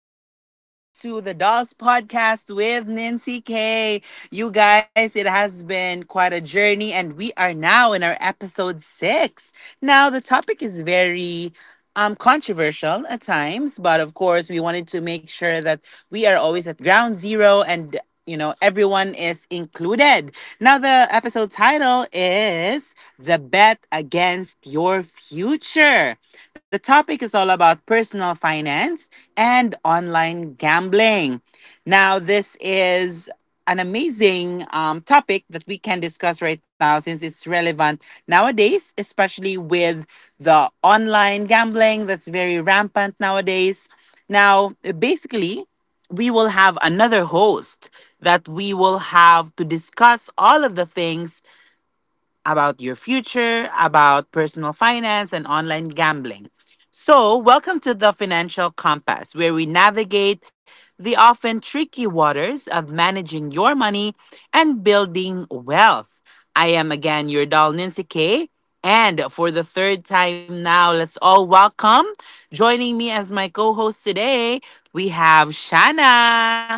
welcome back to the Dolls Podcast with Nancy K. You guys, it has been quite a journey, and we are now in our episode six. Now, the topic is very controversial at times, but of course, we wanted to make sure that we are always at ground zero and everyone is included. Now, the episode title is The Bet Against Your Future. The topic is all about personal finance and online gambling. Now, this is an amazing topic that we can discuss right now since it's relevant nowadays, especially with the online gambling that's very rampant nowadays. Now, basically, we will have another host that we will have to discuss all of the things about your future, about personal finance, and online gambling. So, welcome to the Financial Compass, where we navigate the often tricky waters of managing your money and building wealth. I am again your doll, Nancy Kay. And for the third time now, let's all welcome. Joining me as my co host today, we have Shanna.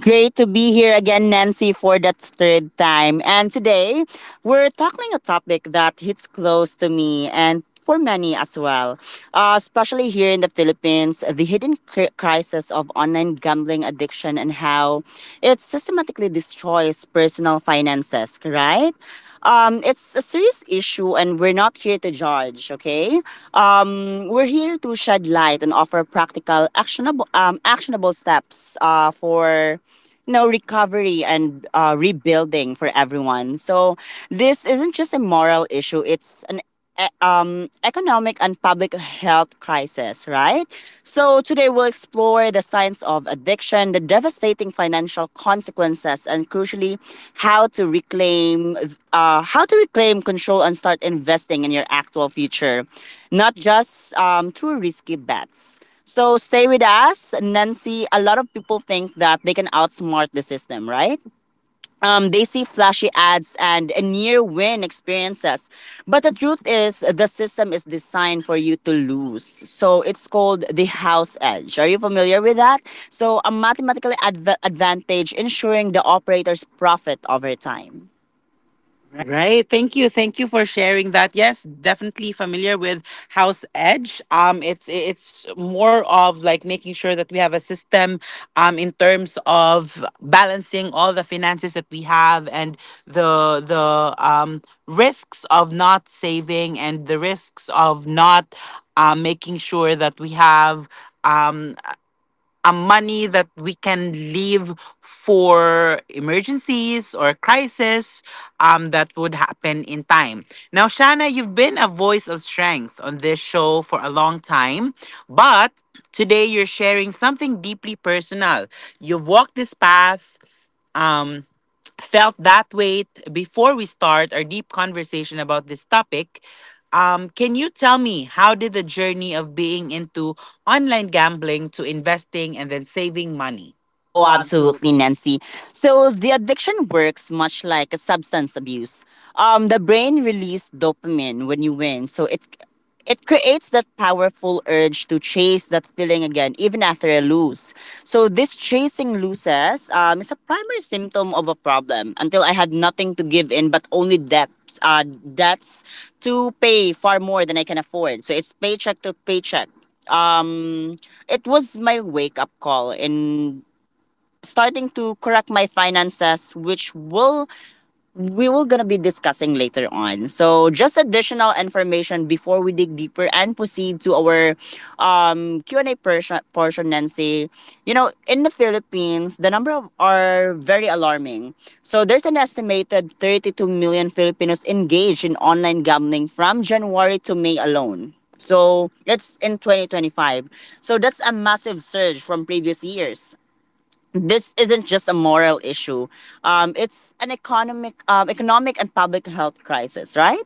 Great to be here again, Nancy, for that third time. And today, we're tackling a topic that hits close to me and for many as well, especially here in the Philippines, the hidden crisis of online gambling addiction and how it systematically destroys personal finances, right? It's a serious issue and we're not here to judge, okay? We're here to shed light and offer practical, actionable, actionable steps for recovery and rebuilding for everyone. So this isn't just a moral issue; it's an economic and public health crisis, right? So today we'll explore the science of addiction, the devastating financial consequences, and crucially, how to reclaim, how to reclaim control and start investing in your actual future, not just through risky bets. So stay with us, Nancy. A lot of people think that they can outsmart the system, right? They see flashy ads and near win experiences. But the truth is, the system is designed for you to lose. So it's called the house edge. Are you familiar with that? So, a mathematical advantage ensuring the operator's profit over time. Right. Thank you. Thank you for sharing that. Yes, definitely familiar with House Edge. It's more of like making sure that we have a system, in terms of balancing all the finances that we have and the risks of not saving and the risks of not making sure that we have um a money that we can leave for emergencies or crisis that would happen in time. Now, Shana, you've been a voice of strength on this show for a long time, but today you're sharing something deeply personal. You've walked this path. Um, Felt that weight before we start our deep conversation about this topic. Can you tell me how did the journey of being into online gambling to investing and then saving money? Oh, Oh, absolutely, absolutely. Nancy. So the addiction works much like a substance abuse. The brain releases dopamine when you win, so it creates that powerful urge to chase that feeling again, even after a lose. So this chasing loses is a primary symptom of a problem. Until I had nothing to give in, but only debt. Debts to pay far more than I can afford. So it's paycheck to paycheck. Um, it was my wake up call and starting to correct my finances, which will we will gonna be discussing later on. So just additional information before we dig deeper and proceed to our Q and A portion, Nancy. You know, in the Philippines, the number of are very alarming. So there's an estimated 32 million Filipinos engaged in online gambling from January to May alone. So it's in 2025. So that's a massive surge from previous years. This isn't just a moral issue. It's an economic and public health crisis, right?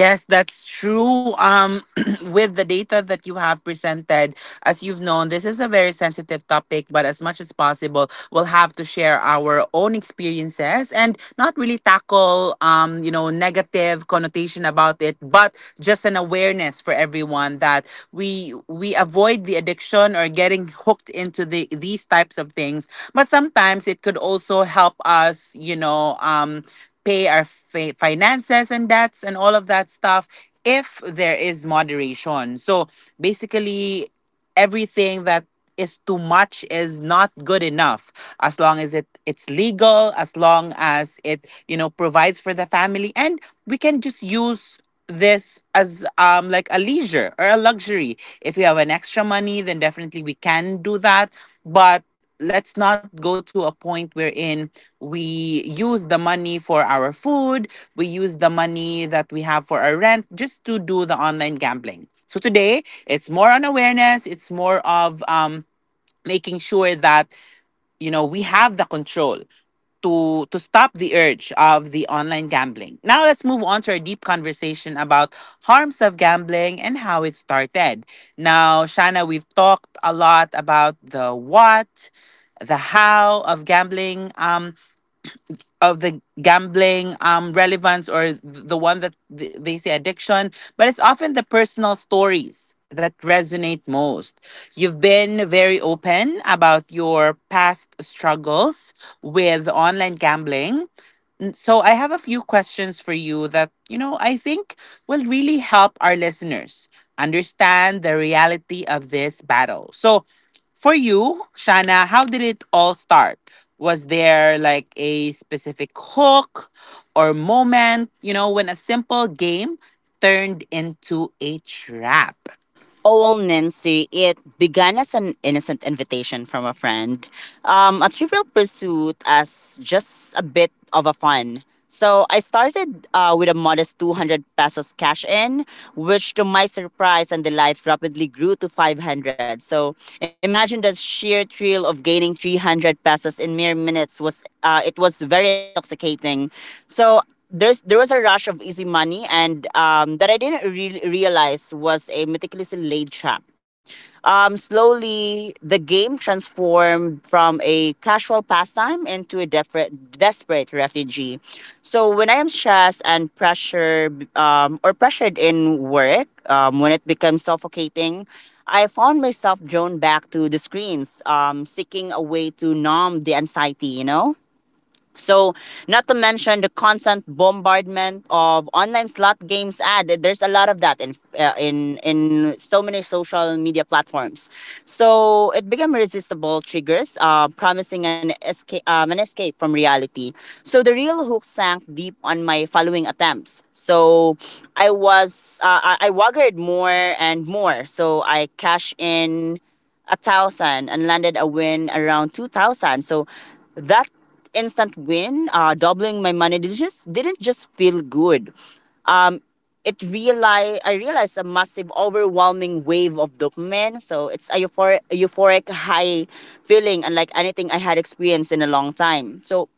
Yes, that's true. With the data that you have presented, as you've known, this is a very sensitive topic, but as much as possible, we'll have to share our own experiences and not really tackle, you know, negative connotation about it, but just an awareness for everyone that we avoid the addiction or getting hooked into the these types of things. But sometimes it could also help us, you know, pay our finances and debts and all of that stuff if there is moderation. So basically everything that is too much is not good enough as long as it it's legal, as long as it, you know, provides for the family and we can just use this as like a leisure or a luxury. If we have an extra money, then definitely we can do that, but let's not go to a point wherein we use the money for our food, we use the money that we have for our rent just to do the online gambling. So today, it's more on awareness, it's more of making sure that, you know, we have the control to stop the urge of the online gambling. Now let's move on to our deep conversation about harms of gambling and how it started. Now, Shana, we've talked a lot about the what, the how of gambling. Of the gambling relevance or the one that they say addiction, but it's often the personal stories that resonate most. You've been very open about your past struggles with online gambling. So I have a few questions for you that, you know, I think will really help our listeners understand the reality of this battle. So for you, Shana, how did it all start? Was there like a specific hook or moment, you know, when a simple game turned into a trap? Oh, Nancy, it began as an innocent invitation from a friend. A trivial pursuit as just a bit of a fun. So I started with a modest 200 pesos cash in, which to my surprise and delight rapidly grew to 500. So imagine the sheer thrill of gaining 300 pesos in mere minutes was it was very intoxicating. So there was a rush of easy money and that I didn't realize was a meticulously laid trap. Slowly, the game transformed from a casual pastime into a desperate refugee. So when I am stressed and pressured or pressured in work, when it becomes suffocating, I found myself drawn back to the screens, seeking a way to numb the anxiety, so, not to mention the constant bombardment of online slot games ad. There's a lot of that in in so many social media platforms. So it became irresistible triggers, an escape from reality. So the real hook sank deep on my following attempts. So I was I waggered more and more. So I cashed in 1,000 and landed a win around 2,000. So that instant win, doubling my money did just didn't just feel good. It realized I realized a massive, overwhelming wave of dopamine. So it's a euphoric high feeling, unlike anything I had experienced in a long time. So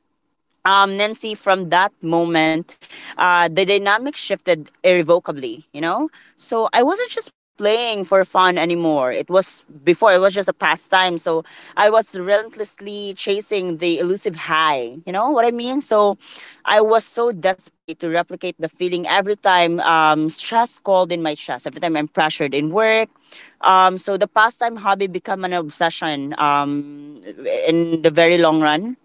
Nancy, from that moment, the dynamic shifted irrevocably, you know? So I wasn't just playing for fun anymore. It was before, it was just a pastime. So I was relentlessly chasing the elusive high, you know what I mean? So I was so desperate to replicate the feeling every time stress called in my chest, every time I'm pressured in work. So the pastime hobby became an obsession in the very long run.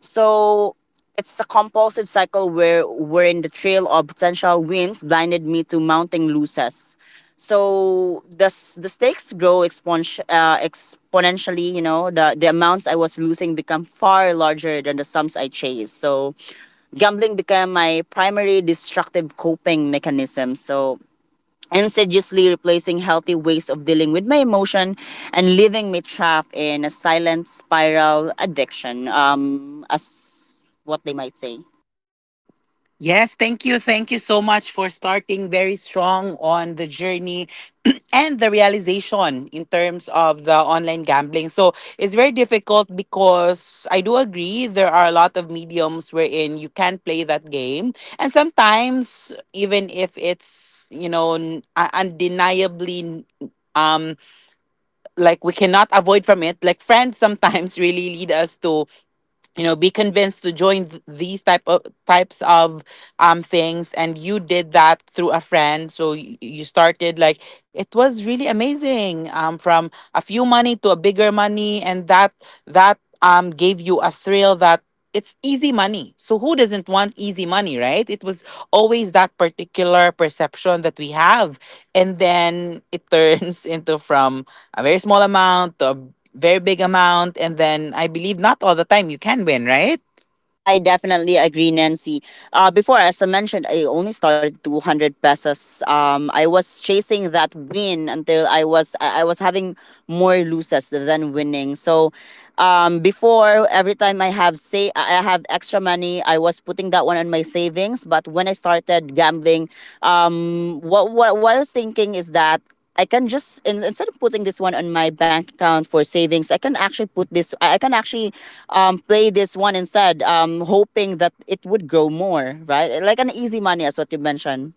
So it's a compulsive cycle where we're in the trail of potential wins blinded me to mounting losses. So the stakes grow exponentially. You know the amounts I was losing become far larger than the sums I chased. So gambling became my primary destructive coping mechanism. So insidiously replacing healthy ways of dealing with my emotion and leaving me trapped in a silent spiral addiction, as what they might say. Yes, thank you. Thank you so much for starting very strong on the journey and the realization in terms of the online gambling. So it's very difficult because I do agree there are a lot of mediums wherein you can play that game. And sometimes, even if it's, you know, undeniably um like we cannot avoid from it, like friends sometimes really lead us to, you know, be convinced to join these types of things, and you did that through a friend. So you started like it was really amazing from a few money to a bigger money, and that gave you a thrill that it's easy money. So who doesn't want easy money, right? It was always that particular perception that we have. And then it turns into from a very small amount to a very big amount. And then I believe not all the time you can win, right? I definitely agree, Nancy. Before, as I mentioned, I only started 200 pesos. I was chasing that win until I was having more losses than winning. So, before every time I have, say I have extra money, I was putting that one on my savings. But when I started gambling, um, what I was thinking is that I can just instead of putting this one on my bank account for savings, I can actually put this. I can actually play this one instead, hoping that it would grow more. Right, like an easy money, as what you mentioned.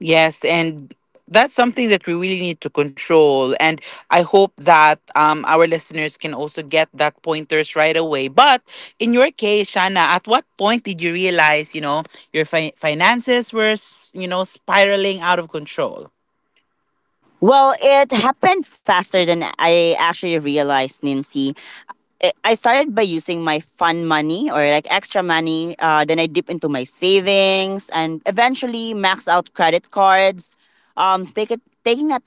Yes, and that's something that we really need to control. And I hope that our listeners can also get that pointers right away. But in your case, Shana, at what point did you realize, you know, your finances were, you know, spiraling out of control? Well, it happened faster than I actually realized, Nancy. I started by using my fun money or like extra money. Then I dip into my savings and eventually max out credit cards. Take it, taking it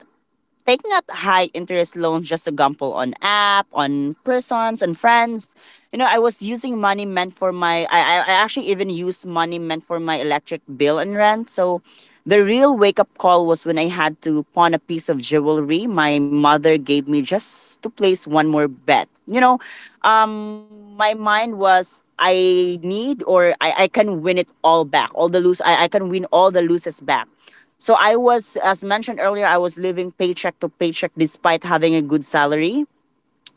Taking out high interest loans just to gamble on app, on persons and friends. You know, I was using money meant for my I actually even used money meant for my electric bill and rent. So the real wake up call was when I had to pawn a piece of jewelry my mother gave me just to place one more bet. You know, my mind was I need, or I can win it all back. All the lose, I can win all the losses back. So I was, as mentioned earlier, I was living paycheck to paycheck despite having a good salary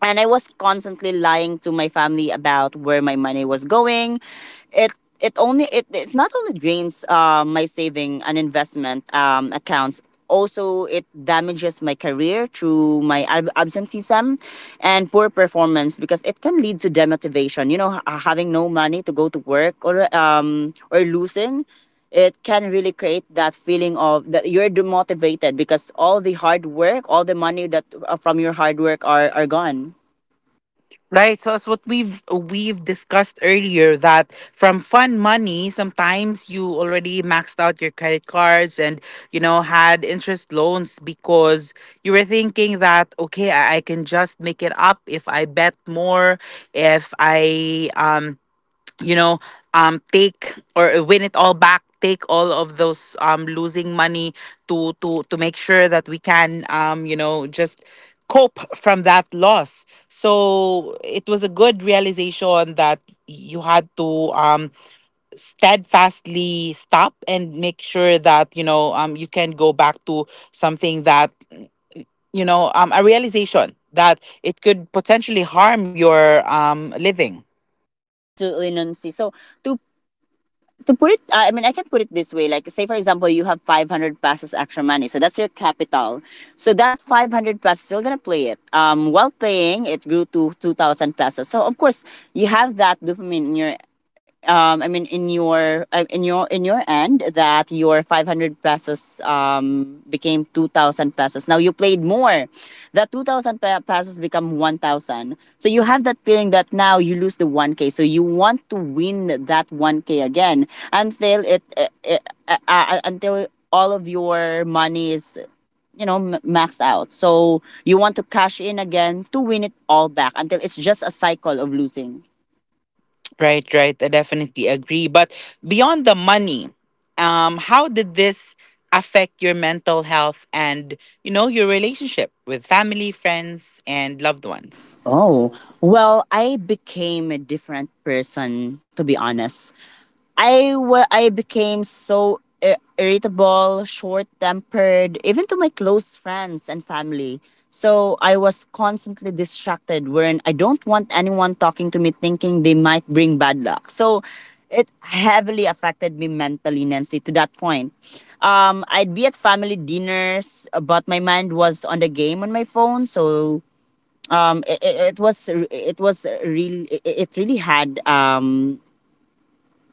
and I was constantly lying to my family about where my money was going. It it it not only drains my saving and investment accounts. Also, it damages my career through my absenteeism and poor performance because it can lead to demotivation. You know, having no money to go to work or losing it, can really create that feeling of that you're demotivated because all the hard work, all the money that from your hard work are gone. Right. So as what we've discussed earlier that from fun money, sometimes you already maxed out your credit cards and you know had interest loans because you were thinking that, okay, I can just make it up if I bet more, if I you know take or win it all back, take all of those losing money to to make sure that we can, you know, just cope from that loss. So it was a good realization that you had to steadfastly stop and make sure that, you know, you can go back to something that, you know, a realization that it could potentially harm your living. Absolutely, Nancy. So to to put it, I can put it this way. Like, say for example, you have 500 passes extra money, so that's your capital. So that 500 passes, you're gonna play it. While playing, it grew to 2,000 passes. So of course, you have that dopamine in your in your end, that your 500 pesos became 2,000 pesos. Now you played more. That 2,000 pesos become 1,000. So you have that feeling that now you lose the one k. So you want to win that one k again until it until all of your money is, maxed out. So you want to cash in again to win it all back until it's just a cycle of losing. Right, right. I definitely agree. But beyond the money, how did this affect your mental health and, you know, your relationship with family, friends, and loved ones? Oh, well, I became a different person, to be honest. I became so irritable, short tempered, even to my close friends and family. So I was constantly distracted, wherein I don't want anyone talking to me thinking they might bring bad luck. So it heavily affected me mentally, Nancy, to that point. I'd be at family dinners, but my mind was on the game on my phone. So it was, it, was really it really had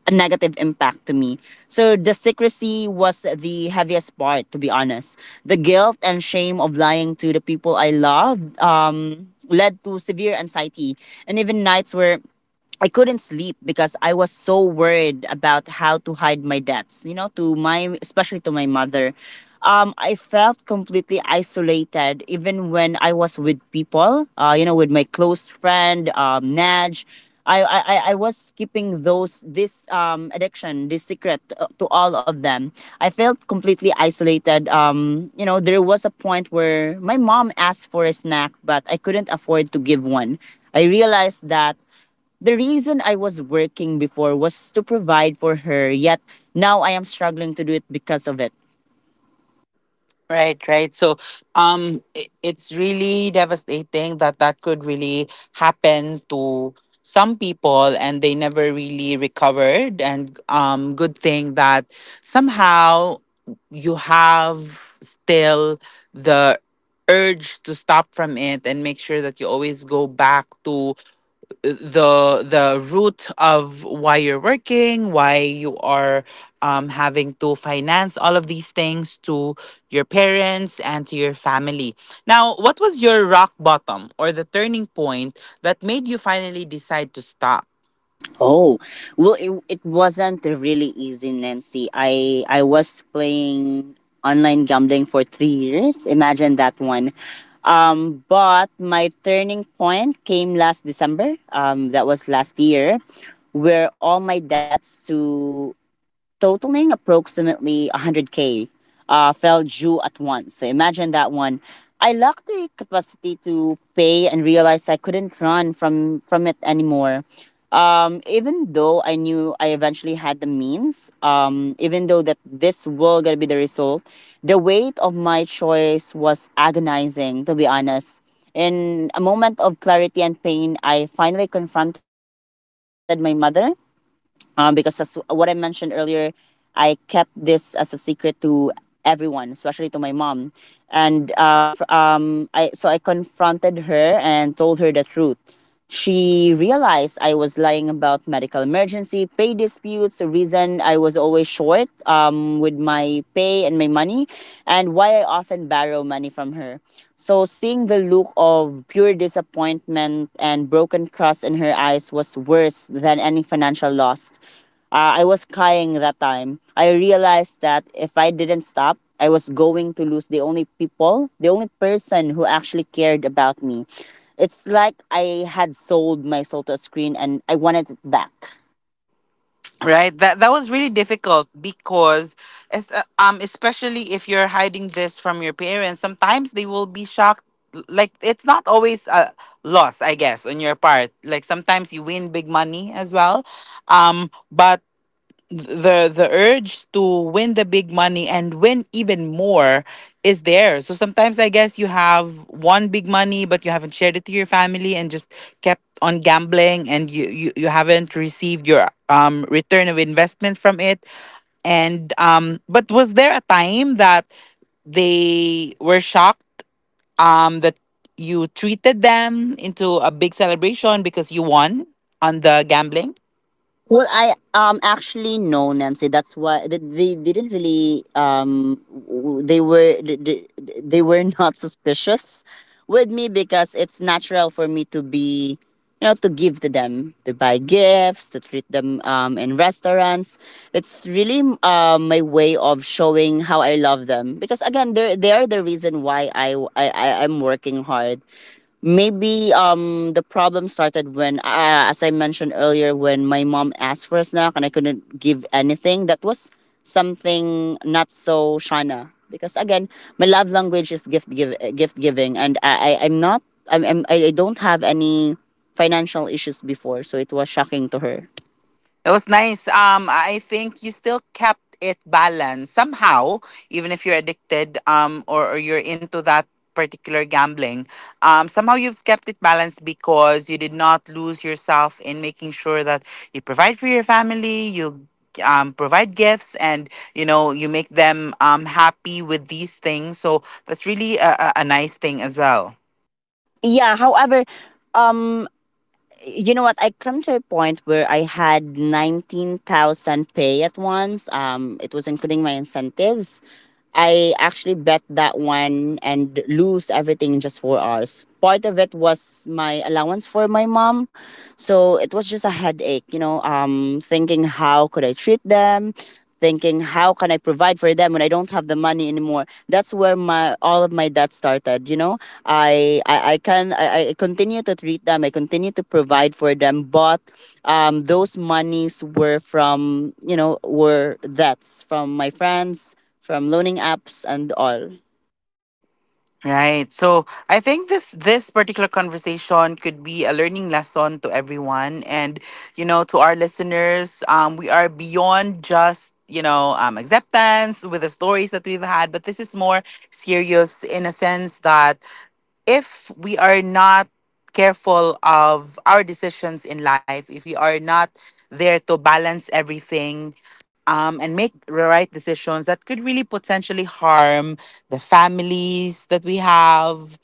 a negative impact to me. So the secrecy was the heaviest part, to be honest. The guilt and shame of lying to the people I loved led to severe anxiety and even nights where I couldn't sleep because I was so worried about how to hide my debts, you know, to my, especially to my mother. I felt completely isolated even when I was with people, you know, with my close friend, Naj. I was keeping those this addiction, this secret to all of them. I felt completely isolated. You know, there was a point where my mom asked for a snack, but I couldn't afford to give one. I realized that the reason I was working before was to provide for her, yet now I am struggling to do it because of it. Right, right. So, it's really devastating that that could really happen to some people, and they never really recovered. And good thing that somehow you have still the urge to stop from it and make sure that you always go back to the root of why you're working, why you are having to finance all of these things to your parents and to your family. Now, what was your rock bottom or the turning point that made you finally decide to stop? Oh, well, it wasn't really easy, Nancy. I was playing online gambling for 3 years. Imagine that one. But my turning point came last December. That was last year, where all my debts to totaling approximately 100K, fell due at once. So imagine that one. I lacked the capacity to pay and realized I couldn't run from it anymore. Even though I knew I eventually had the means, even though that this will gonna be the result, the weight of my choice was agonizing, to be honest. In a moment of clarity and pain, I finally confronted my mother, because as what I mentioned earlier, I kept this as a secret to everyone, especially to my mom. And when I conf- I so I confronted her and told her the truth. She realized I was lying about medical emergency, pay disputes, the reason I was always short with my pay and my money and why I often borrow money from her. So seeing the look of pure disappointment and broken trust in her eyes was worse than any financial loss. I was crying that time. I realized that if I didn't stop, I was going to lose the only people, the only person who actually cared about me. It's like I had sold my soul to a screen and I wanted it back. Right, that that was really difficult because especially if you're hiding this from your parents, sometimes they will be shocked. Like, it's not always a loss, I guess, on your part. Like sometimes you win big money as well, but the urge to win the big money and win even more is there. So sometimes I guess you have one big money but you haven't shared it to your family and just kept on gambling, and you haven't received your return of investment from it. And um, but was there a time that they were shocked that you treated them into a big celebration because you won on the gambling? Well, I actually know, Nancy. That's why they didn't really w- they were they, they they were not suspicious with me because it's natural for me to be, you know, to give to them, to buy gifts, to treat them in restaurants. It's really my way of showing how I love them, because again they are the reason why I am working hard. Maybe the problem started when as I mentioned earlier, when my mom asked for a snack and I couldn't give anything. That was something not so Shana, because again my love language is gift giving, and I I'm not I'm, I'm I don't have any financial issues before, so it was shocking to her. It was nice. I think you still kept it balanced somehow, even if you're addicted or you're into that particular gambling. Somehow you've kept it balanced because you did not lose yourself in making sure that you provide for your family, you provide gifts, and you know you make them happy with these things. So that's really a nice thing as well. Yeah, however, um. you know what, I come to a point where I had 19,000 pay at once. Um, it was including my incentives. I actually bet that one and lose everything in just 4 hours. Part of it was my allowance for my mom, so it was just a headache, you know. Thinking how could I treat them, thinking how can I provide for them when I don't have the money anymore. That's where my all of my debt started, you know. I continue to treat them, I continue to provide for them, but those monies were from were debts from my friends, from loaning apps and all. Right. So I think this this particular conversation could be a learning lesson to everyone, and you know, to our listeners, um, we are beyond just, you know, acceptance with the stories that we've had, but this is more serious in a sense that if we are not careful of our decisions in life, if we are not there to balance everything and make the right decisions, that could really potentially harm the families that we have,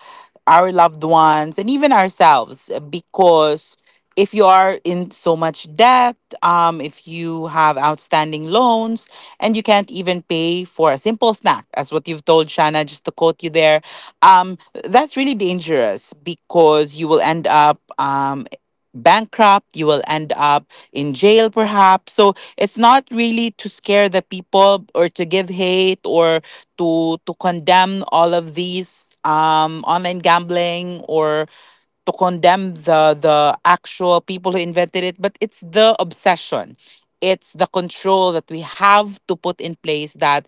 our loved ones, and even ourselves. Because if you are in so much debt, if you have outstanding loans, and you can't even pay for a simple snack, as what you've told Shanna, just to quote you there, um, that's really dangerous because you will end up bankrupt, you will end up in jail perhaps. So it's not really to scare the people or to give hate or to condemn all of these online gambling or to condemn the actual people who invented it, but it's the obsession, it's the control that we have to put in place that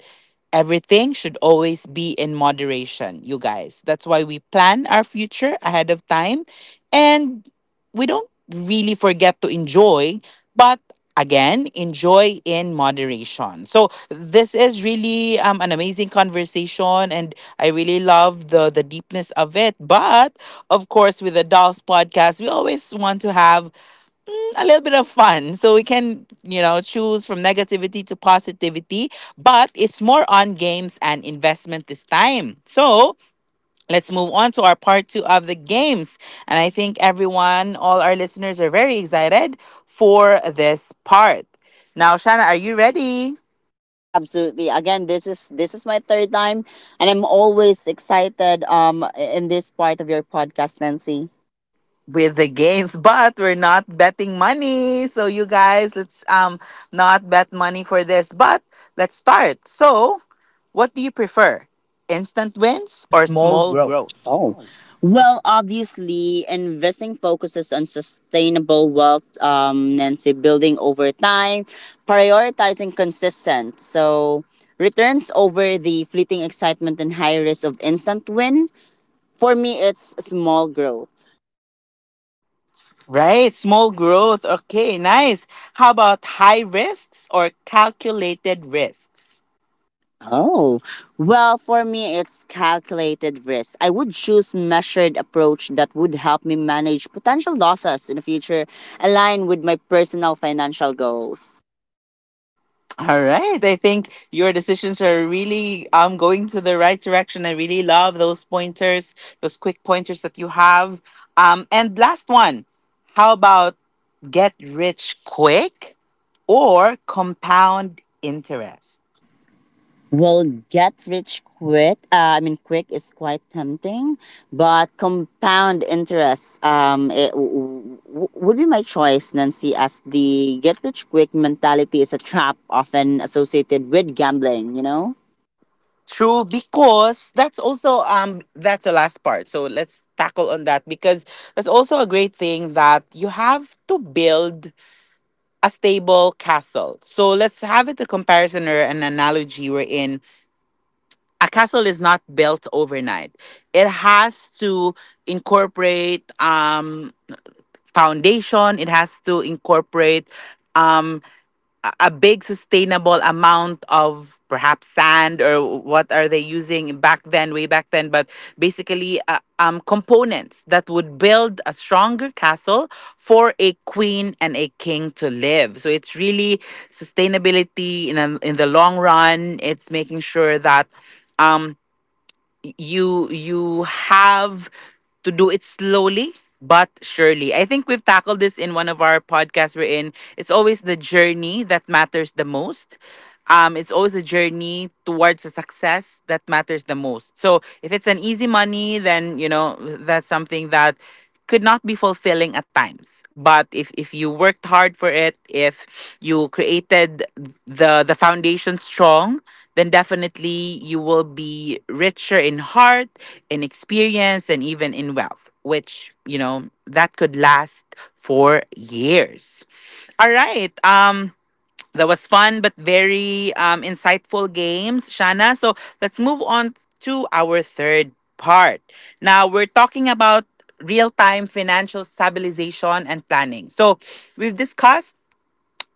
everything should always be in moderation, you guys. That's why we plan our future ahead of time and we don't really forget to enjoy, but again, enjoy in moderation. So this is really an amazing conversation and I really love the deepness of it, but of course with the Dolls podcast, we always want to have a little bit of fun. So we can, you know, choose from negativity to positivity, but it's more on games and investment this time. So let's move on to our part two of the games. And I think everyone, all our listeners, are very excited for this part. Now, Shana, are you ready? Absolutely. Again, this is my third time, and I'm always excited in this part of your podcast, Nancy. With the games but we're not betting money, so you guys, let's not bet money for this, but let's start. So what do you prefer, instant wins Or or small small growth? growth? Oh, Oh, well, obviously, investing focuses on sustainable wealth, Nancy, building over time, prioritizing consistent. So, returns over the fleeting excitement and high risk of instant win. For me, it's small growth. right, small growth, okay, nice. How about high risks or calculated risks? Oh, well, for me, it's calculated risk. I would choose measured approach that would help me manage potential losses in the future, align with my personal financial goals. All right. I think your decisions are really going to the right direction. I really love those pointers, those quick pointers that you have. And last one. How about get rich quick or compound interest? Well, get rich quick. I mean, quick is quite tempting, but compound interest it would be my choice, Nancy, as the get rich quick mentality is a trap often associated with gambling, you know? True, because that's also that's the last part. So let's tackle on that because that's also a great thing that you have to build a stable castle. So let's have it a comparison or an analogy we're in a castle is not built overnight. It has to incorporate foundation. It has to incorporate um, a big sustainable amount of perhaps sand or what are they using back then, way back then. But basically, components that would build a stronger castle for a queen and a king to live. So it's really sustainability in a, in the long run. It's making sure that. Um, you have to do it slowly but surely. I think we've tackled this in one of our podcasts we're in. It's always the journey that matters the most. It's always a journey towards a success that matters the most. So if it's an easy money, then you know that's something that could not be fulfilling at times, but if you worked hard for it, if you created the foundation strong, then definitely you will be richer in heart, in experience, and even in wealth, which you know that could last for years. All right. That was fun but very insightful games, Shana. So let's move on to our third part. Now we're talking about real time financial stabilization and planning. So we've discussed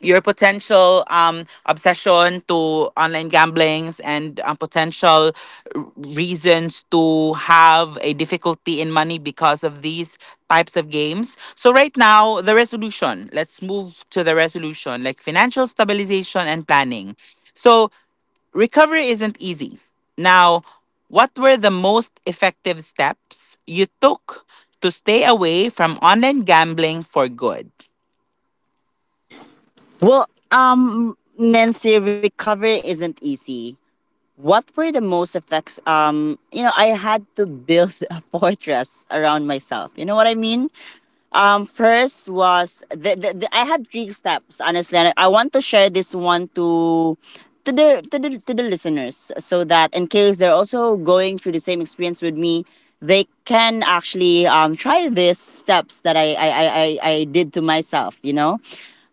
your potential obsession to online gamblings and potential reasons to have a difficulty in money because of these types of games. So right now, the resolution. Let's move to the resolution, like financial stabilization and planning. So recovery isn't easy. Now, what were the most effective steps you took to stay away from online gambling for good? Well, Nancy, recovery isn't easy. What were the most effects? You know, I had to build a fortress around myself. You know what I mean? First was the I had three steps, honestly, and I want to share this one to the listeners, so that in case they're also going through the same experience with me, they can actually try these steps that I did to myself. You know,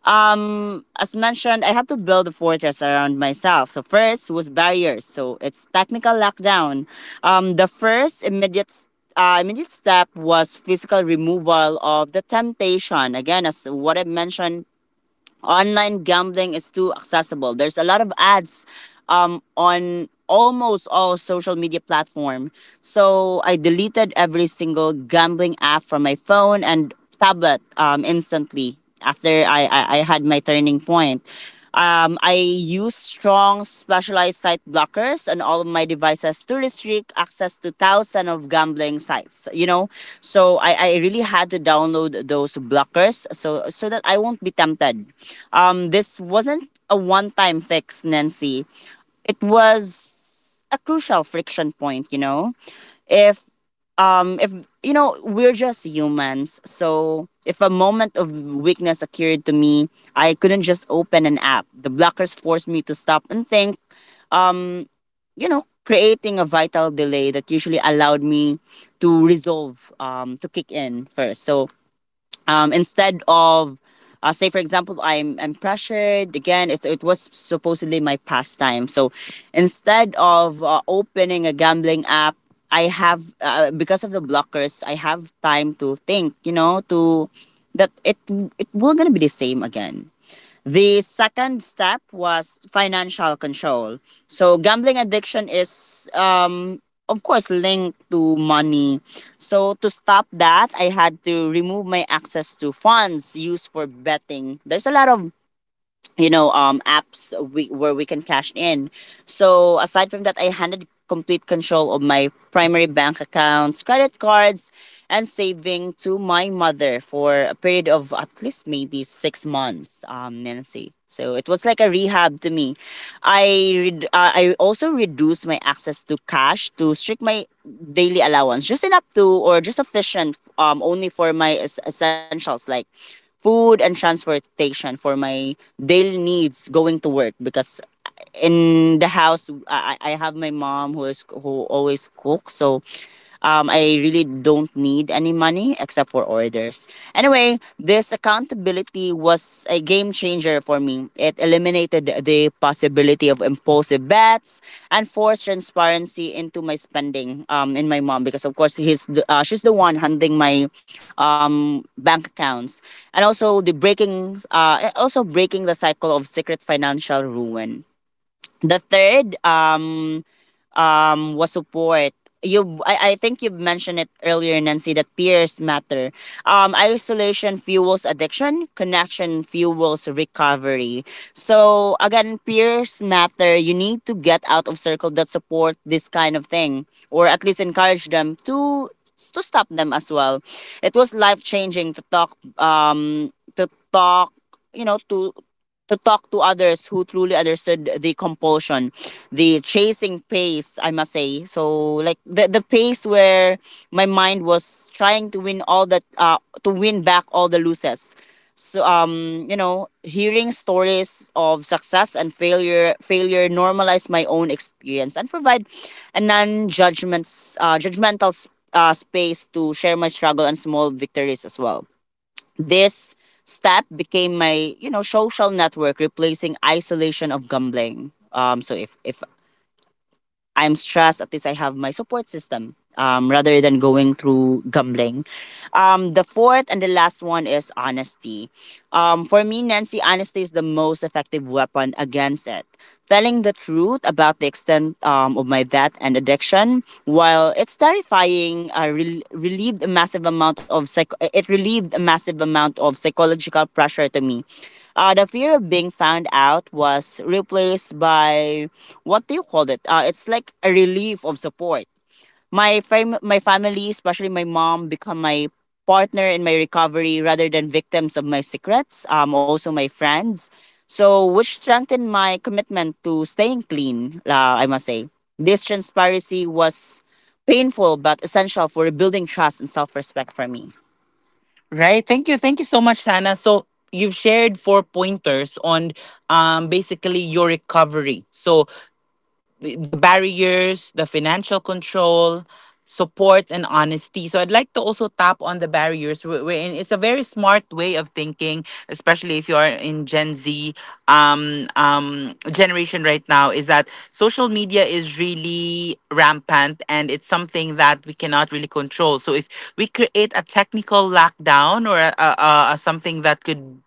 as mentioned, I had to build a fortress around myself. So first was barriers. So it's technical lockdown. The first immediate step was physical removal of the temptation. Again, as what I mentioned, online gambling is too accessible. There's a lot of ads, on almost all social media platform. So I deleted every single gambling app from my phone and tablet instantly after I had my turning point. I use strong specialized site blockers on all of my devices to restrict access to thousands of gambling sites. You know, so I really had to download those blockers so that I won't be tempted. This wasn't a one time fix, Nancy. It was a crucial friction point. You know, if if you know, we're just humans, so if a moment of weakness occurred to me, I couldn't just open an app. The blockers forced me to stop and think, um you know, creating a vital delay that usually allowed me to resolve to kick in first. So instead of say for example, I'm pressured again, it was supposedly my pastime. So instead of opening a gambling app, I have because of the blockers, I have time to think, you know, to that it will gonna be the same again. The second step was financial control. So gambling addiction is of course linked to money. So to stop that, I had to remove my access to funds used for betting. There's a lot of you know apps where we can cash in. So aside from that, I handed complete control of my primary bank accounts, credit cards, and saving to my mother for a period of at least maybe 6 months, um, Nancy. So it was like a rehab to me. I also reduced my access to cash to strict my daily allowance, just enough to or just sufficient only for my essentials like food and transportation for my daily needs going to work, because in the house, I have my mom who is who always cooks, so I really don't need any money except for orders. Anyway, this accountability was a game changer for me. It eliminated the possibility of impulsive bets and forced transparency into my spending, in my mom, because of course he's the, she's the one handling my bank accounts, and also the breaking also breaking the cycle of secret financial ruin. The third was support. You, I think you've mentioned it earlier, Nancy, that peers matter. Isolation fuels addiction, connection fuels recovery. So, again, peers matter. You need to get out of circle that support this kind of thing, or at least encourage them to stop them as well. It was life changing um to talk you know to talk to others who truly understood the compulsion, the chasing pace, I must say. So like the pace where my mind was trying to win all that to win back all the losses. So um, you know, hearing stories of success and failure normalize my own experience and provide a non judgments judgmental space to share my struggle and small victories as well. This step became my, you know, social network replacing isolation of gambling. So if I'm stressed, at least I have my support system, rather than going through gambling. The fourth and the last one is honesty. For me, Nancy, honesty is the most effective weapon against it. Telling the truth about the extent of my debt and addiction, while it's terrifying, relieved a massive amount of psych- it relieved a massive amount of psychological pressure to me. The fear of being found out was replaced by, what do you call it? It's like a relief of support. My family, especially my mom, become my partner in my recovery rather than victims of my secrets. Also my friends. So, which strengthened my commitment to staying clean. I must say, this transparency was painful but essential for rebuilding trust and self-respect for me. Right. Thank you. Thank you so much, Hannah. So you've shared four pointers on basically your recovery. So the barriers, the financial control, support, and honesty. So I'd like to also tap on the barriers. We in, it's a very smart way of thinking, especially if you're in Gen Z generation right now, is that social media is really rampant and it's something that we cannot really control. So if we create a technical lockdown or a something that could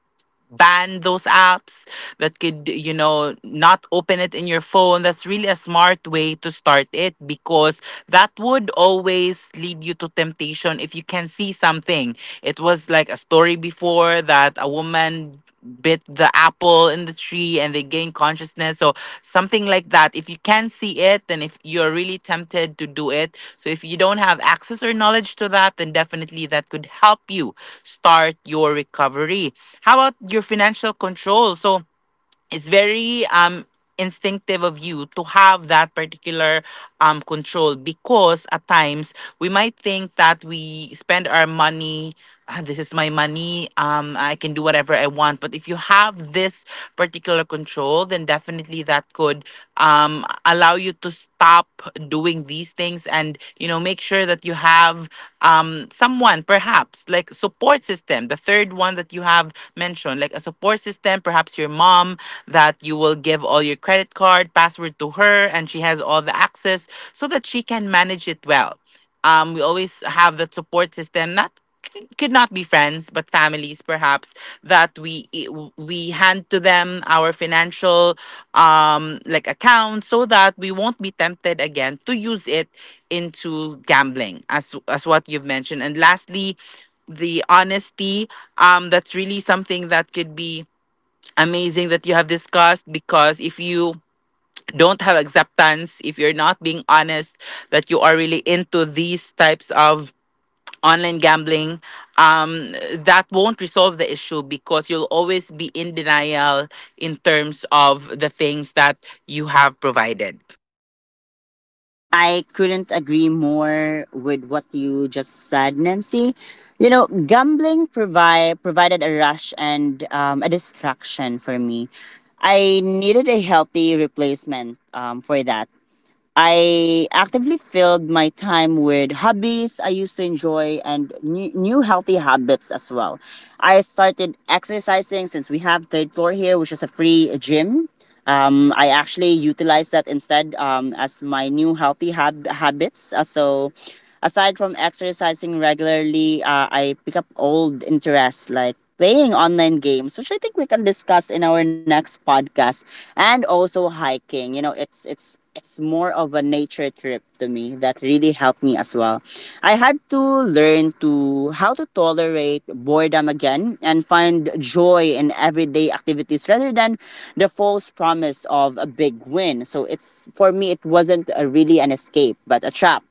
ban those apps, that could you know not open it in your phone, that's really a smart way to start it because that would always lead you to temptation. If you can see something, it was like a story before that a woman bit the apple in the tree and they gain consciousness. So something like that. If you can see it, then if you're really tempted to do it. So if you don't have access or knowledge to that, then definitely that could help you start your recovery. How about your financial control? So it's very instinctive of you to have that particular control, because at times we might think that we spend our money, "Ah, this is my money, I can do whatever I want," but if you have this particular control, then definitely that could allow you to stop doing these things and you know make sure that you have someone, perhaps like support system, the third one that you have mentioned, like a support system, perhaps perhaps your mom, that you will give all your credit card password to her and she has all the access so that she can manage it well. We always have that support system, not could not be friends but families perhaps, that we hand to them our financial like account so that we won't be tempted again to use it into gambling as what you've mentioned. And lastly, the honesty, that's really something that could be amazing that you have discussed. Because if you don't have acceptance, if you're not being honest that you are really into these types of online gambling, that won't resolve the issue because you'll always be in denial in terms of the things that you have provided. I couldn't agree more with what you just said, Nancy. You know, gambling provided a rush and a distraction for me. I needed a healthy replacement, for that. I actively filled my time with hobbies I used to enjoy and new healthy habits as well. I started exercising since we have third floor here, which is a free gym. I actually utilize that instead, as my new healthy habits. Aside from exercising regularly, I pick up old interests like playing online games, which I think we can discuss in our next podcast, and also hiking. You know, it's more of a nature trip to me that really helped me as well. I had to learn to how to tolerate boredom again and find joy in everyday activities rather than the false promise of a big win. So it's for me it wasn't a really an escape but a trap,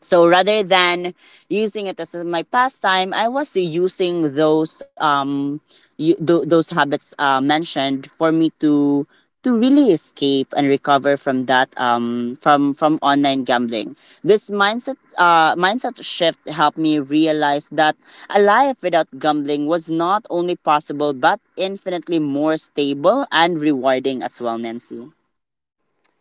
so rather than using it as my pastime, I was using those those habits mentioned for me to really escape and recover from that from online gambling. This mindset shift helped me realize that a life without gambling was not only possible but infinitely more stable and rewarding as well, Nancy.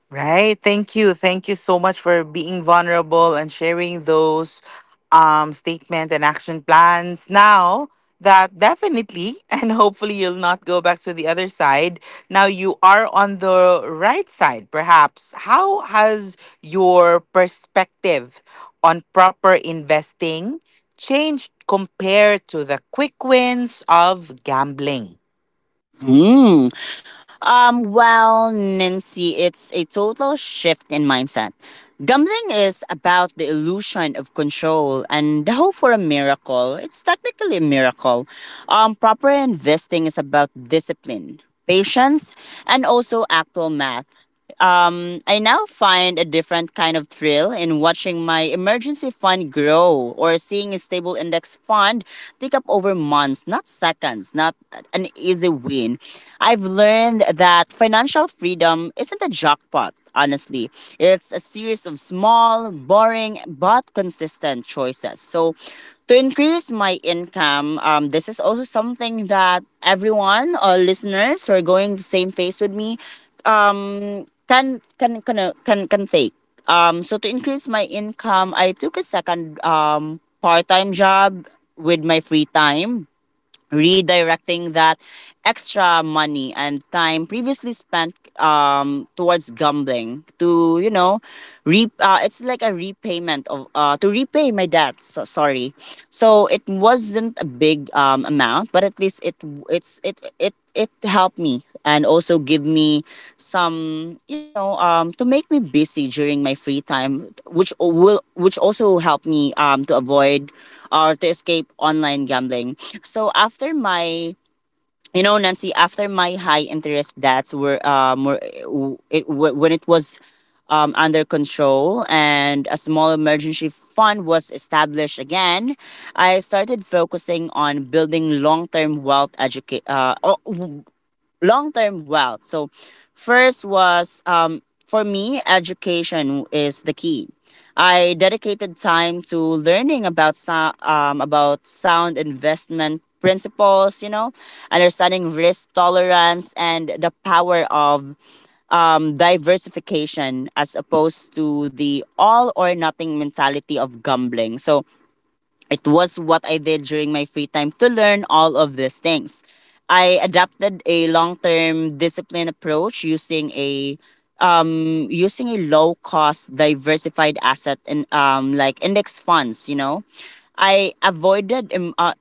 Right. Thank you. Thank you so much for being vulnerable and sharing those statements and action plans now that definitely and hopefully you'll not go back to the other side. Now you are on the right side, perhaps. How has your perspective on proper investing changed compared to the quick wins of gambling? Hmm. Well, Nancy, it's a total shift in mindset. Gambling is about the illusion of control and the hope for a miracle. It's technically a miracle. Proper investing is about discipline, patience, and also actual math. I now find a different kind of thrill in watching my emergency fund grow or seeing a stable index fund take up over months, not seconds, not an easy win. I've learned that financial freedom isn't a jackpot, honestly. It's a series of small, boring, but consistent choices. So, to increase my income, this is also something that everyone, all listeners who are going the same phase with me, can take. So, to increase my income, I took a second part-time job with my free time, redirecting that extra money and time previously spent towards gambling to it's like a repayment of to repay my debt. So, sorry, so it wasn't a big amount, but at least it it's it it it helped me and also give me some you know to make me busy during my free time which o- will which also help me to avoid or to escape online gambling. So after my you know Nancy after my high interest debts were, it, when it was under control and a small emergency fund was established again, I started focusing on building long term wealth. So, first was for me, education is the key. I dedicated time to learning about about sound investment principles, you know, understanding risk tolerance and the power of diversification as opposed to the all or nothing mentality of gambling. So it was what I did during my free time to learn all of these things. I adapted a long term discipline approach using a using a low cost diversified asset in like index funds. You know, I avoided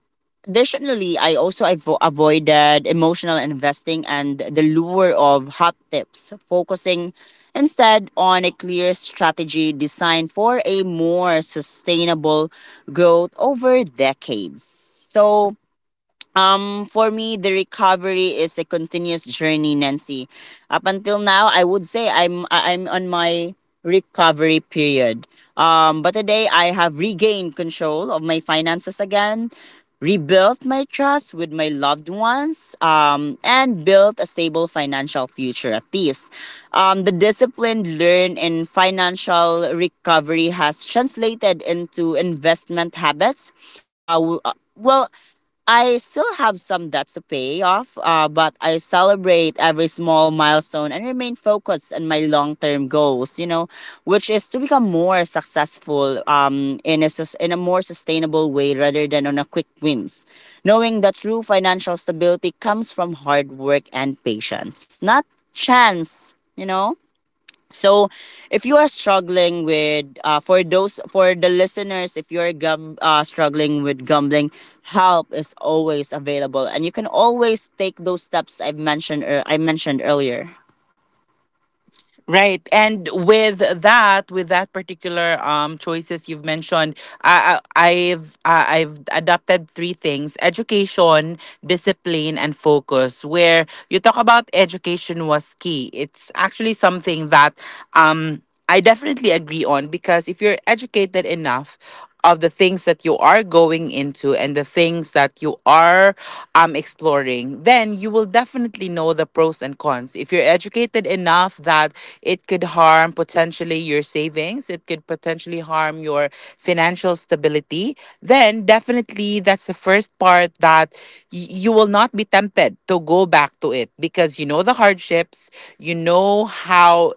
additionally I also avoided emotional investing and the lure of hot tips, focusing instead on a clear strategy designed for a more sustainable growth over decades. So for me, the recovery is a continuous journey, Nancy. Up until now, I would say I'm on my recovery period. But today I have regained control of my finances again, rebuilt my trust with my loved ones, and built a stable financial future at least. The discipline learned in financial recovery has translated into investment habits. Well, I still have some debts to pay off, but I celebrate every small milestone and remain focused on my long term goals, you know, which is to become more successful in a more sustainable way rather than on a quick wins. Knowing that true financial stability comes from hard work and patience, not chance, you know? So, if you are struggling with for those for the listeners, if you're gum struggling with gambling, help is always available, and you can always take those steps I mentioned earlier. Right. And with that particular choices you've mentioned, I've adopted three things: education, discipline, and focus. Where you talk about education was key. It's actually something that um I definitely agree on, because if you're educated enough of the things that you are going into and the things that you are exploring, then you will definitely know the pros and cons. If you're educated enough that it could harm potentially your savings, it could potentially harm your financial stability, then definitely that's the first part that you will not be tempted to go back to it, because you know the hardships, you know how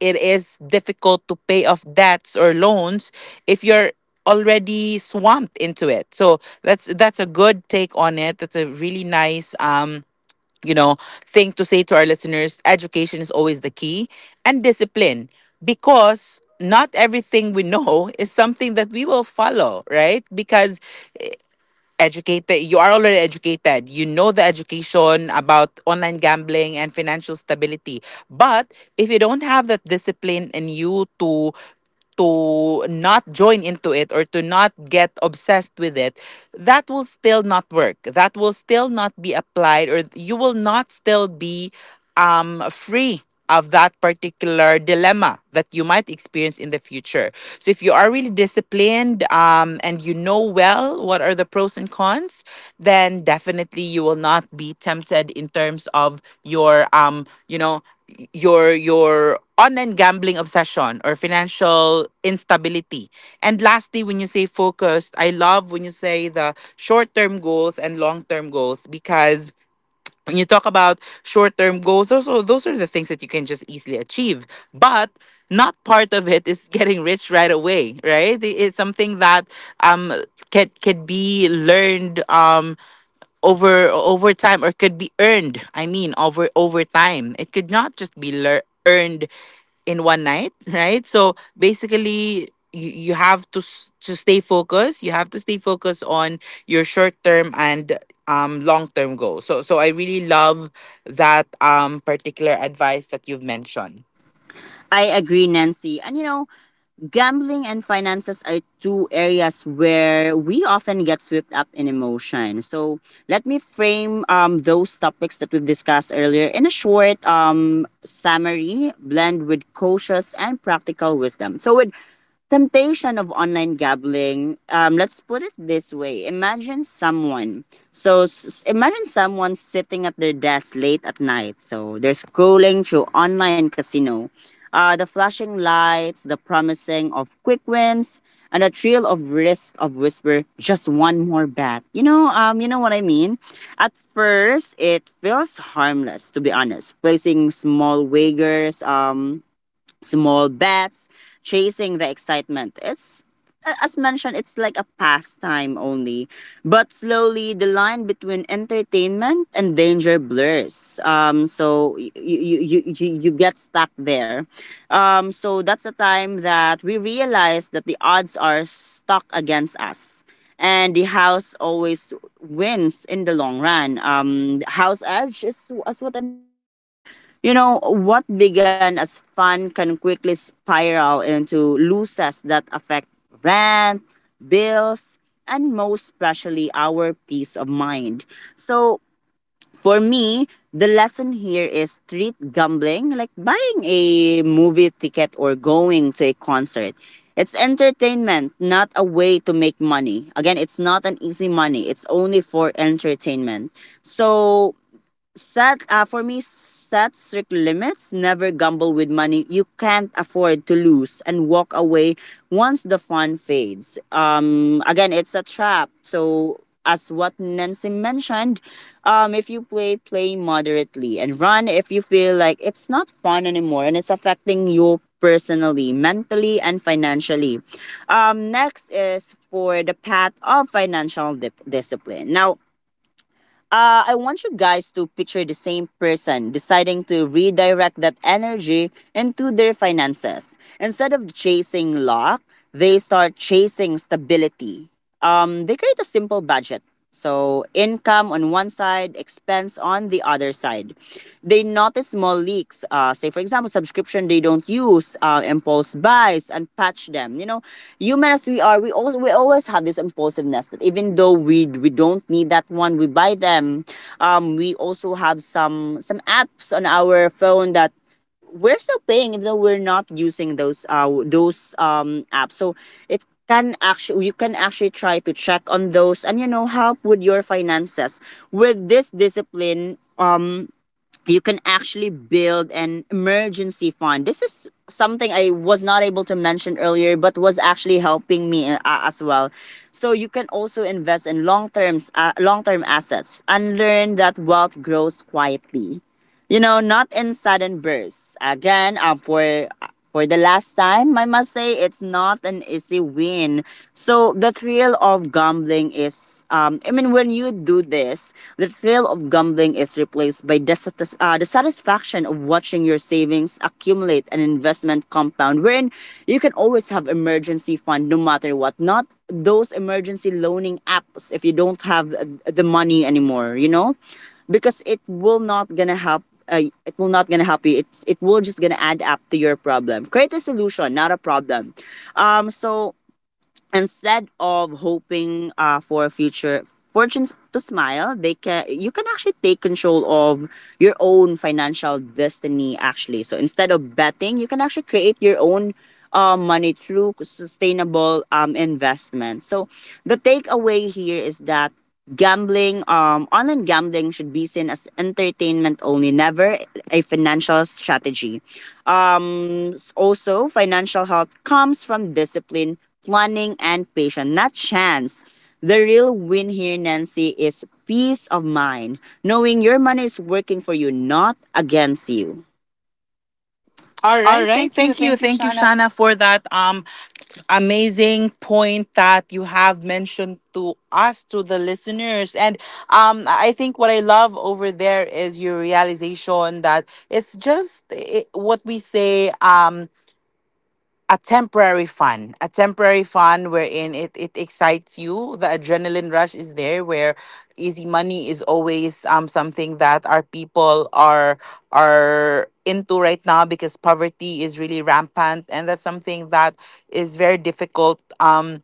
it is difficult to pay off debts or loans if you're already swamped into it. So that's a good take on it. That's a really nice you know thing to say to our listeners. Education is always the key, and discipline, because not everything we know is something that we will follow, right? Because educated, you are already educated, you know the education about online gambling and financial stability, but if you don't have that discipline in you to not join into it or to not get obsessed with it, that will still not work. That will still not be applied, or you will not still be free of that particular dilemma that you might experience in the future. So if you are really disciplined and you know well what are the pros and cons, then definitely you will not be tempted in terms of your you know, your online gambling obsession or financial instability. And lastly, when you say focused, I love when you say the short-term goals and long-term goals, because when you talk about short-term goals, those are the things that you can just easily achieve. But not part of it is getting rich right away, right? It's something that um can be learned over time or could be earned. I mean, over time. It could not just be earned in one night, right? So basically, you, have to to stay focused. You have to stay focused on your short term and long term goals. So I really love that particular advice that you've mentioned. I agree, Nancy. And you know, gambling and finances are two areas where we often get swept up in emotion. So let me frame those topics that we've discussed earlier in a short summary, blend with cautious and practical wisdom. So with temptation of online gambling let's put it this way: imagine someone imagine someone sitting at their desk late at night, so they're scrolling through online casino, the flashing lights, the promising of quick wins, and the thrill of risk of whisper just one more bet. You know you know what I mean, at first it feels harmless, to be honest, placing small wagers, small bats, chasing the excitement. It's as mentioned, it's like a pastime only. But slowly, the line between entertainment and danger blurs. So you get stuck there. So that's the time that we realize that the odds are stuck against us. And the house always wins in the long run. House edge is as what I mentioned earlier. You know, what began as fun can quickly spiral into losses that affect rent, bills, and most especially our peace of mind. So, for me, the lesson here is treat gambling like buying a movie ticket or going to a concert. It's entertainment, not a way to make money. Again, it's not an easy money. It's only for entertainment. So, set for me set strict limits, never gamble with money you can't afford to lose, and walk away once the fun fades. Again, it's a trap. So as what Nancy mentioned, if you play moderately and run if you feel like it's not fun anymore and it's affecting you personally, mentally, and financially. Next is for the path of financial discipline now. I want you guys to picture the same person deciding to redirect that energy into their finances. Instead of chasing luck, they start chasing stability. They create a simple budget. So income on one side, expense on the other side. They notice small leaks. Say for example, subscription they don't use, impulse buys, and patch them. You know, human as we are, we always have this impulsiveness that even though we don't need that one, we buy them. We also have some apps on our phone that we're still paying even though we're not using those apps. So it can actually you can actually try to check on those and you know help with your finances. With this discipline, you can actually build an emergency fund. This is something I was not able to mention earlier but was actually helping me as well. So you can also invest in long-term assets and learn that wealth grows quietly. You know, not in sudden bursts. Again, for the last time, I must say it's not an easy win. So the thrill of gambling is, I mean, when you do this, the thrill of gambling is replaced by the satisfaction of watching your savings accumulate and investment compound, wherein you can always have emergency fund no matter what. Not those emergency loaning apps if you don't have the money anymore, you know? Because it will not gonna help you. It will just gonna add up to your problem. Create a solution, not a problem. So instead of hoping for a future fortunes to smile they can you can actually take control of your own financial destiny actually. So instead of betting you can actually create your own money through sustainable investment. So the takeaway here is that gambling online gambling should be seen as entertainment only, never a financial strategy. Also, financial health comes from discipline, planning, and patience, not chance. The real win here, Nancy, is peace of mind, knowing your money is working for you, not against you. All All right. right. Thank you. Thank you. Thank you, Thank you, Shana. Shana, for that amazing point that you have mentioned to us, to the listeners. And I think what I love over there is your realization that it's just it, what we say. Um, a temporary fun wherein it, it excites you. The adrenaline rush is there, where easy money is always something that our people are into right now, because poverty is really rampant and that's something that is very difficult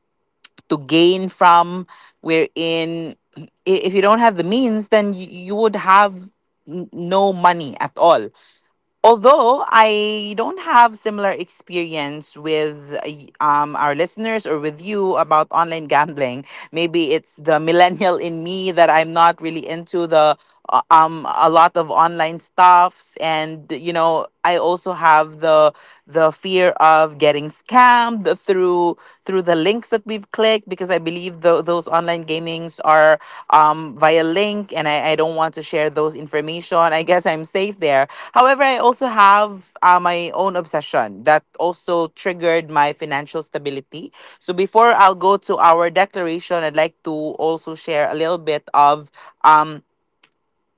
to gain from, wherein if you don't have the means, then you would have no money at all. Although I don't have similar experience with our listeners or with you about online gambling, maybe it's the millennial in me that I'm not really into the a lot of online stuffs, and you know I also have the fear of getting scammed through the links that we've clicked, because I believe those online gamings are via link and I don't want to share those information. I guess I'm safe there. However, I also have my own obsession that also triggered my financial stability. So before I'll go to our declaration, I'd like to also share a little bit of. Um,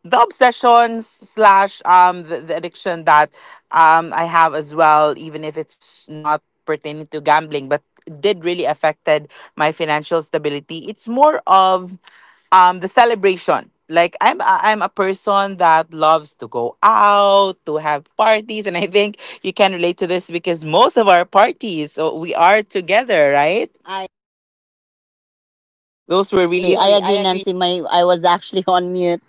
the obsessions slash the addiction that I have as well, even if it's not pertaining to gambling, but did really affected my financial stability. It's more of the celebration. Like I'm a person that loves to go out, to have parties, and I think you can relate to this because most of our parties, so we are together, right? I Those were oh, those were really oh sorry, really I sorry, I agree, agree, Nancy. My I was actually on mute.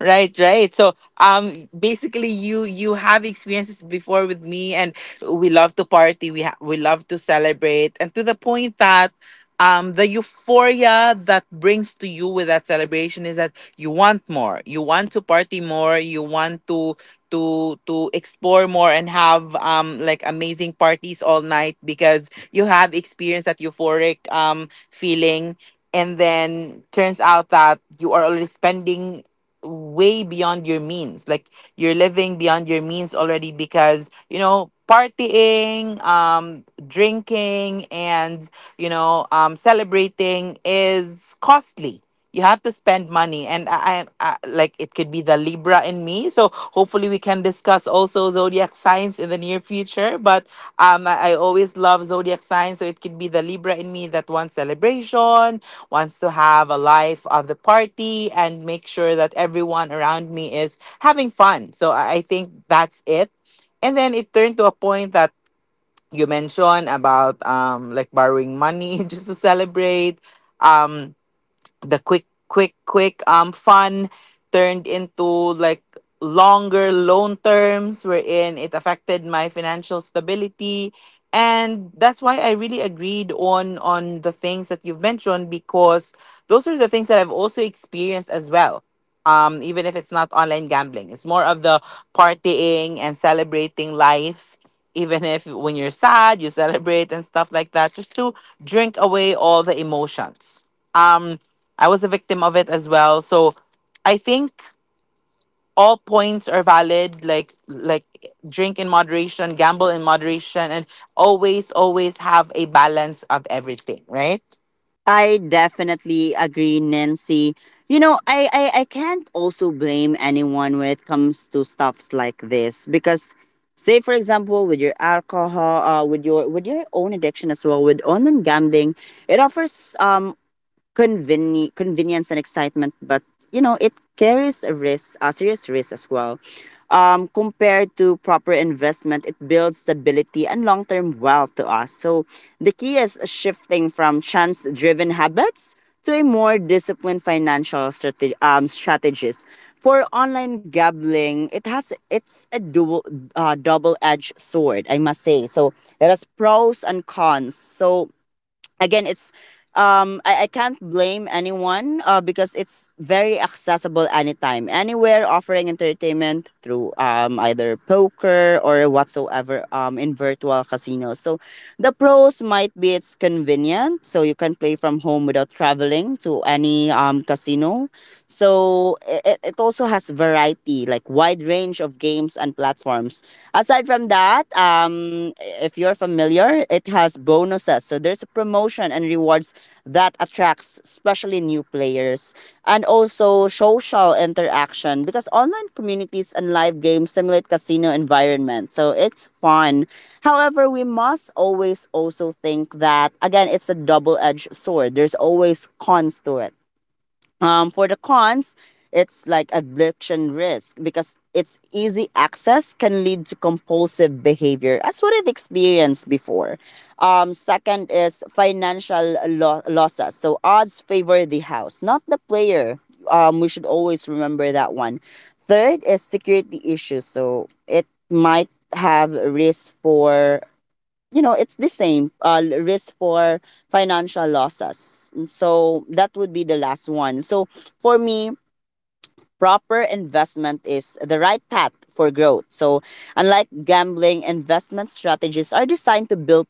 right, right. So basically you have experiences before with me, and we love to party, we love to celebrate, and to the point that the euphoria that brings to you with that celebration is that you want more, you want to party more, you want to to explore more and have like amazing parties all night because you have experienced that euphoric feeling. And then turns out that you are already spending way beyond your means. Like, you're living beyond your means already because, you know, partying, drinking and, celebrating is costly. You have to spend money, and I like, it could be the Libra in me. So hopefully we can discuss also zodiac signs in the near future. But I always love zodiac signs, so it could be the Libra in me that wants celebration, wants to have a life of the party and make sure that everyone around me is having fun. So I think that's it. And then it turned to a point that you mentioned about like borrowing money just to celebrate. Um the quick fun turned into like longer loan terms, wherein it affected my financial stability. And that's why I really agreed on the things that you've mentioned, because those are the things that I've also experienced as well. Even if it's not online gambling, it's more of the partying and celebrating life, even if when you're sad you celebrate and stuff like that, just to drink away all the emotions. um I was a victim of it as well. So I think all points are valid. Like, drink in moderation, gamble in moderation, and always have a balance of everything, right? I definitely agree, Nancy. You know, I can't also blame anyone when it comes to stuffs like this because say for example with your alcohol, with your own addiction as well, with online gambling, it offers convenience and excitement, but you know it carries a risk, a serious risk as well. Compared to proper investment, it builds stability and long-term wealth to us. So the key is shifting from chance-driven habits to a more disciplined strategies. For online gambling, it's a dual double-edged sword, I must say. So there is pros and cons. So again it's I can't blame anyone because it's very accessible anytime anywhere, offering entertainment through either poker or whatsoever in virtual casinos. So the pros might be it's convenient, so you can play from home without traveling to any casino. So it also has variety, like wide range of games and platforms. Aside from that, if you're familiar, it has bonuses. So there's a promotion and rewards that attracts especially new players, and also social interaction because online communities and live games simulate casino environment. So it's fun. However, we must always also think that again it's a double-edged sword. There's always cons to it. For the cons, it's like addiction risk because its easy access can lead to compulsive behavior, as what I've experienced before. Second is financial losses. So odds favor the house, not the player. We should always remember that one. Third is security issues. So it might have risk for, you know, it's the same risk for financial losses. And so that would be the last one. So for me, proper investment is the right path for growth. So, unlike gambling, investment strategies are designed to build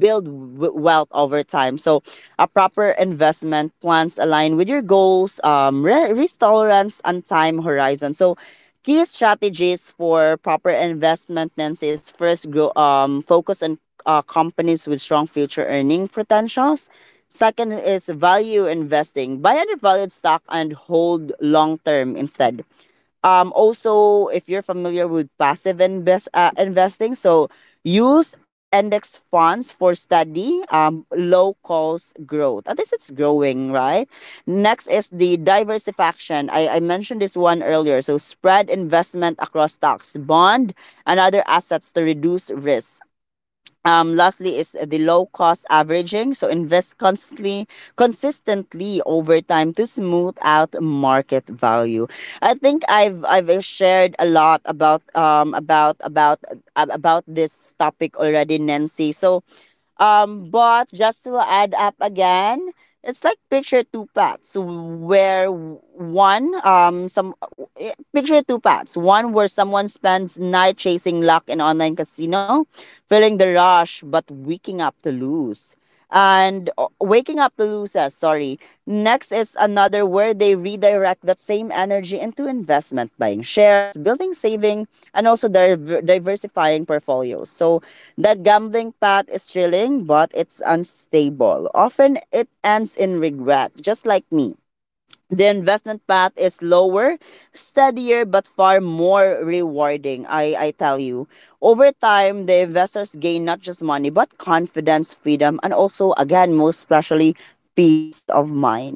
build w- wealth over time. So, a proper investment plans align with your goals, risk tolerance, and time horizon. So, key strategies for proper investment then is first grow focus on companies with strong future earning potentials. Second is value investing. Buy undervalued stock and hold long term instead. Also, if you're familiar with passive investing, so use index funds for steady, low cost growth. At least it's growing, right? Next is the diversification. I mentioned this one earlier. So spread investment across stocks, bond, and other assets to reduce risk. Lastly is the low cost averaging. So invest consistently over time to smooth out market value. I think I've shared a lot about about this topic already, Nancy. So but just to add up again, it's like picture two paths. One where someone spends night chasing luck in online casino, feeling the rush but waking up to lose and waking up to lose sorry next is another where they redirect that same energy into investment, buying shares, building saving, and also diversifying portfolios. So that gambling path is thrilling, but it's unstable, often it ends in regret, just like me. The investment path is lower, steadier, but far more rewarding, I tell you. Over time, the investors gain not just money, but confidence, freedom, and also, again, most especially, peace of mind.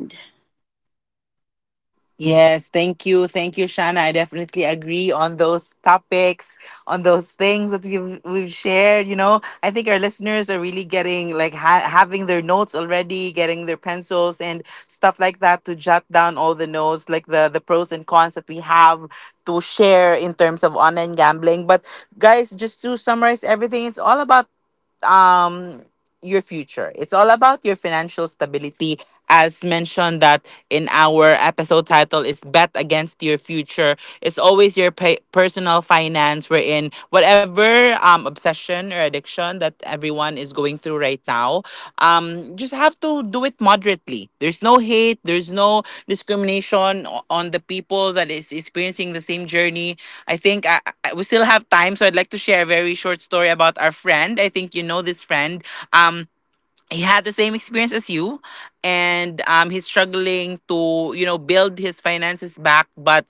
Yes, thank you. Thank you, Shana. I definitely agree on those topics, on those things that we've shared. You know, I think our listeners are really getting, like, having their notes already, getting their pencils and stuff like that to jot down all the notes, like the pros and cons that we have to share in terms of online gambling. But guys, just to summarize everything, it's all about um your future. It's all about your financial stability. As mentioned, that in our episode title is bet against your future. It's always your personal finance, wherein whatever obsession or addiction that everyone is going through right now, just have to do it moderately. There's no hate, there's no discrimination on the people that is experiencing the same journey. I think we still have time, so I'd like to share a very short story about our friend. I think you know this friend. Um, he had the same experience as you, and he's struggling to, you know, build his finances back. But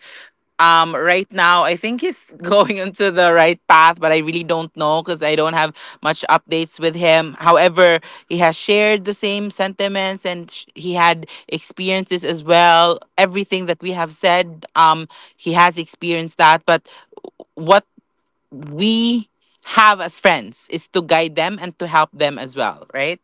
right now I think he's going into the right path, but I really don't know because I don't have much updates with him. However, he has shared the same sentiments, and he had experiences as well, everything that we have said. He has experienced that, but what we have as friends is to guide them and to help them as well, right?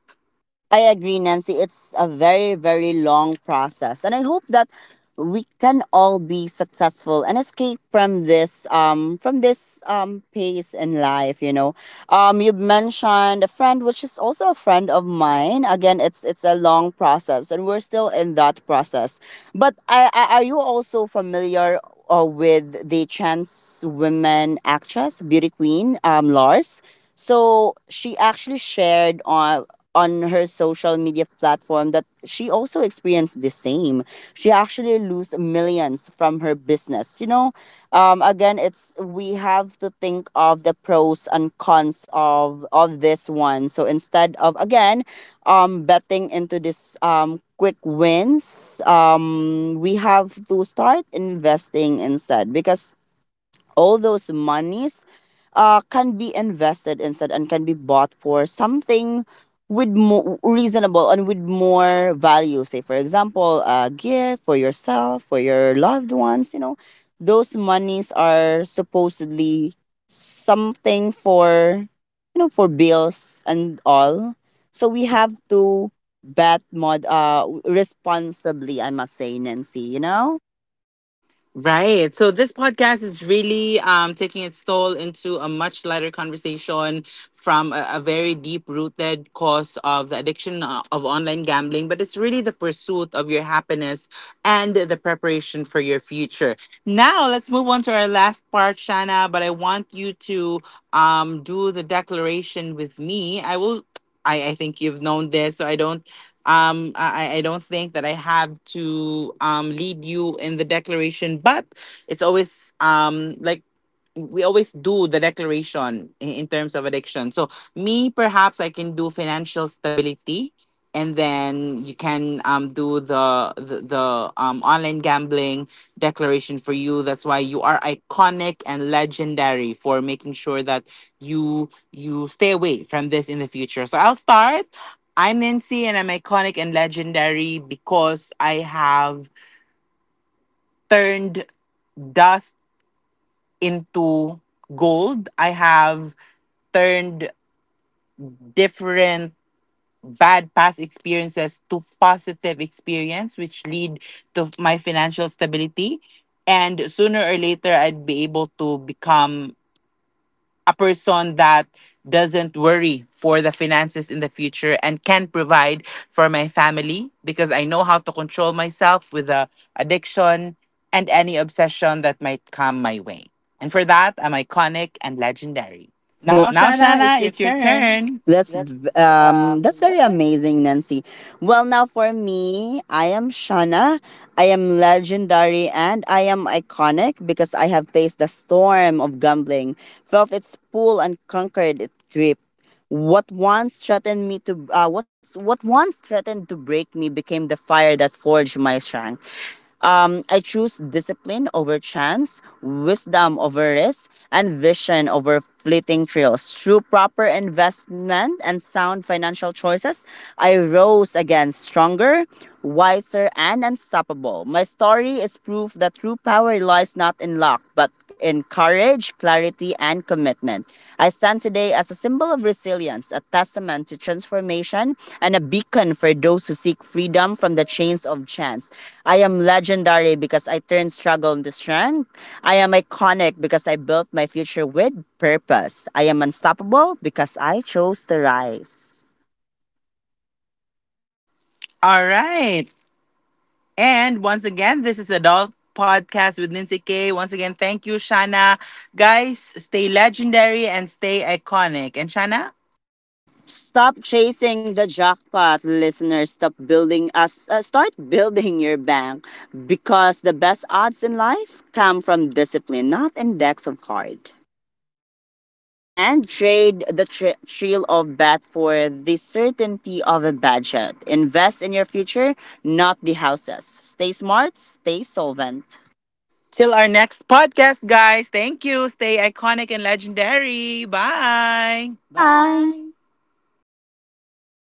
I agree, Nancy. It's a very, very long process. And I hope that we can all be successful and escape from this pace in life, you know. You mentioned a friend which is also a friend of mine. Again, it's a long process and we're still in that process. But I are you also familiar with the trans women actress beauty queen, Lars? So she actually shared on her social media platform that she also experienced the same. She actually lost millions from her business. You know, again, it's we have to think of the pros and cons of this one. So instead of again, betting into this quick wins, we have to start investing instead, because all those monies can be invested instead and can be bought for something with more reasonable and with more value, say for example a gift for yourself, for your loved ones, you know. Those monies are supposedly something for, you know, for bills and all. So we have to bet mod responsibly, I must say, Nancy, you know. Right. So this podcast is really taking its toll into a much lighter conversation from a very deep rooted cause of the addiction of online gambling, but it's really the pursuit of your happiness and the preparation for your future. Now, let's move on to our last part, Shana, but I want you to do the declaration with me. I will. I think you've known this, so I don't I don't think that I have to lead you in the declaration, but it's always like, we always do the declaration in terms of addiction. So me, perhaps I can do financial stability, and then you can do the online gambling declaration for you. That's why you are iconic and legendary for making sure that you stay away from this in the future. So I'll start. I'm Nancy and I'm iconic and legendary because I have turned dust into gold. I have turned different bad past experiences to positive experience which lead to my financial stability, and sooner or later I'd be able to become a person that doesn't worry for the finances in the future and can provide for my family because I know how to control myself with the addiction and any obsession that might come my way. And for that, I'm iconic and legendary. Now, Well, Now, Shana, it's Shana, your it's your turn. turn. That's That's v- um that's very that's it. amazing, Nancy. Well, now for me, I am Shana. I am legendary and I am iconic because I have faced the storm of gambling, felt its pull and conquered its grip. What what once threatened to break me became the fire that forged my strength. I choose discipline over chance, wisdom over risk, and vision over fleeting thrills. Through proper investment and sound financial choices, I rose again stronger, wiser, and unstoppable. My story is proof that true power lies not in luck, but in courage, clarity, unity, and commitment. I stand today as a symbol of resilience, a testament to transformation, and a beacon for those who seek freedom from the chains of chance. I am legendary because I turned struggle into strength. I am iconic because I built my future with purpose. I am unstoppable because I chose to rise. All right. And once again, this is Adult Podcast with Nancy K. Once again, thank you, Shana. Guys, stay legendary and stay iconic. And Shana, Stop chasing the jackpot, listeners. Stop building us. Start building your bank because the best odds in life come from discipline, not index of card. And trade the thrill of bet for the certainty of a budget. Invest in your future, not the houses. Stay smart. Stay solvent. till our next podcast, guys. Thank you. Stay iconic and legendary. Bye. Bye. Bye. Bye.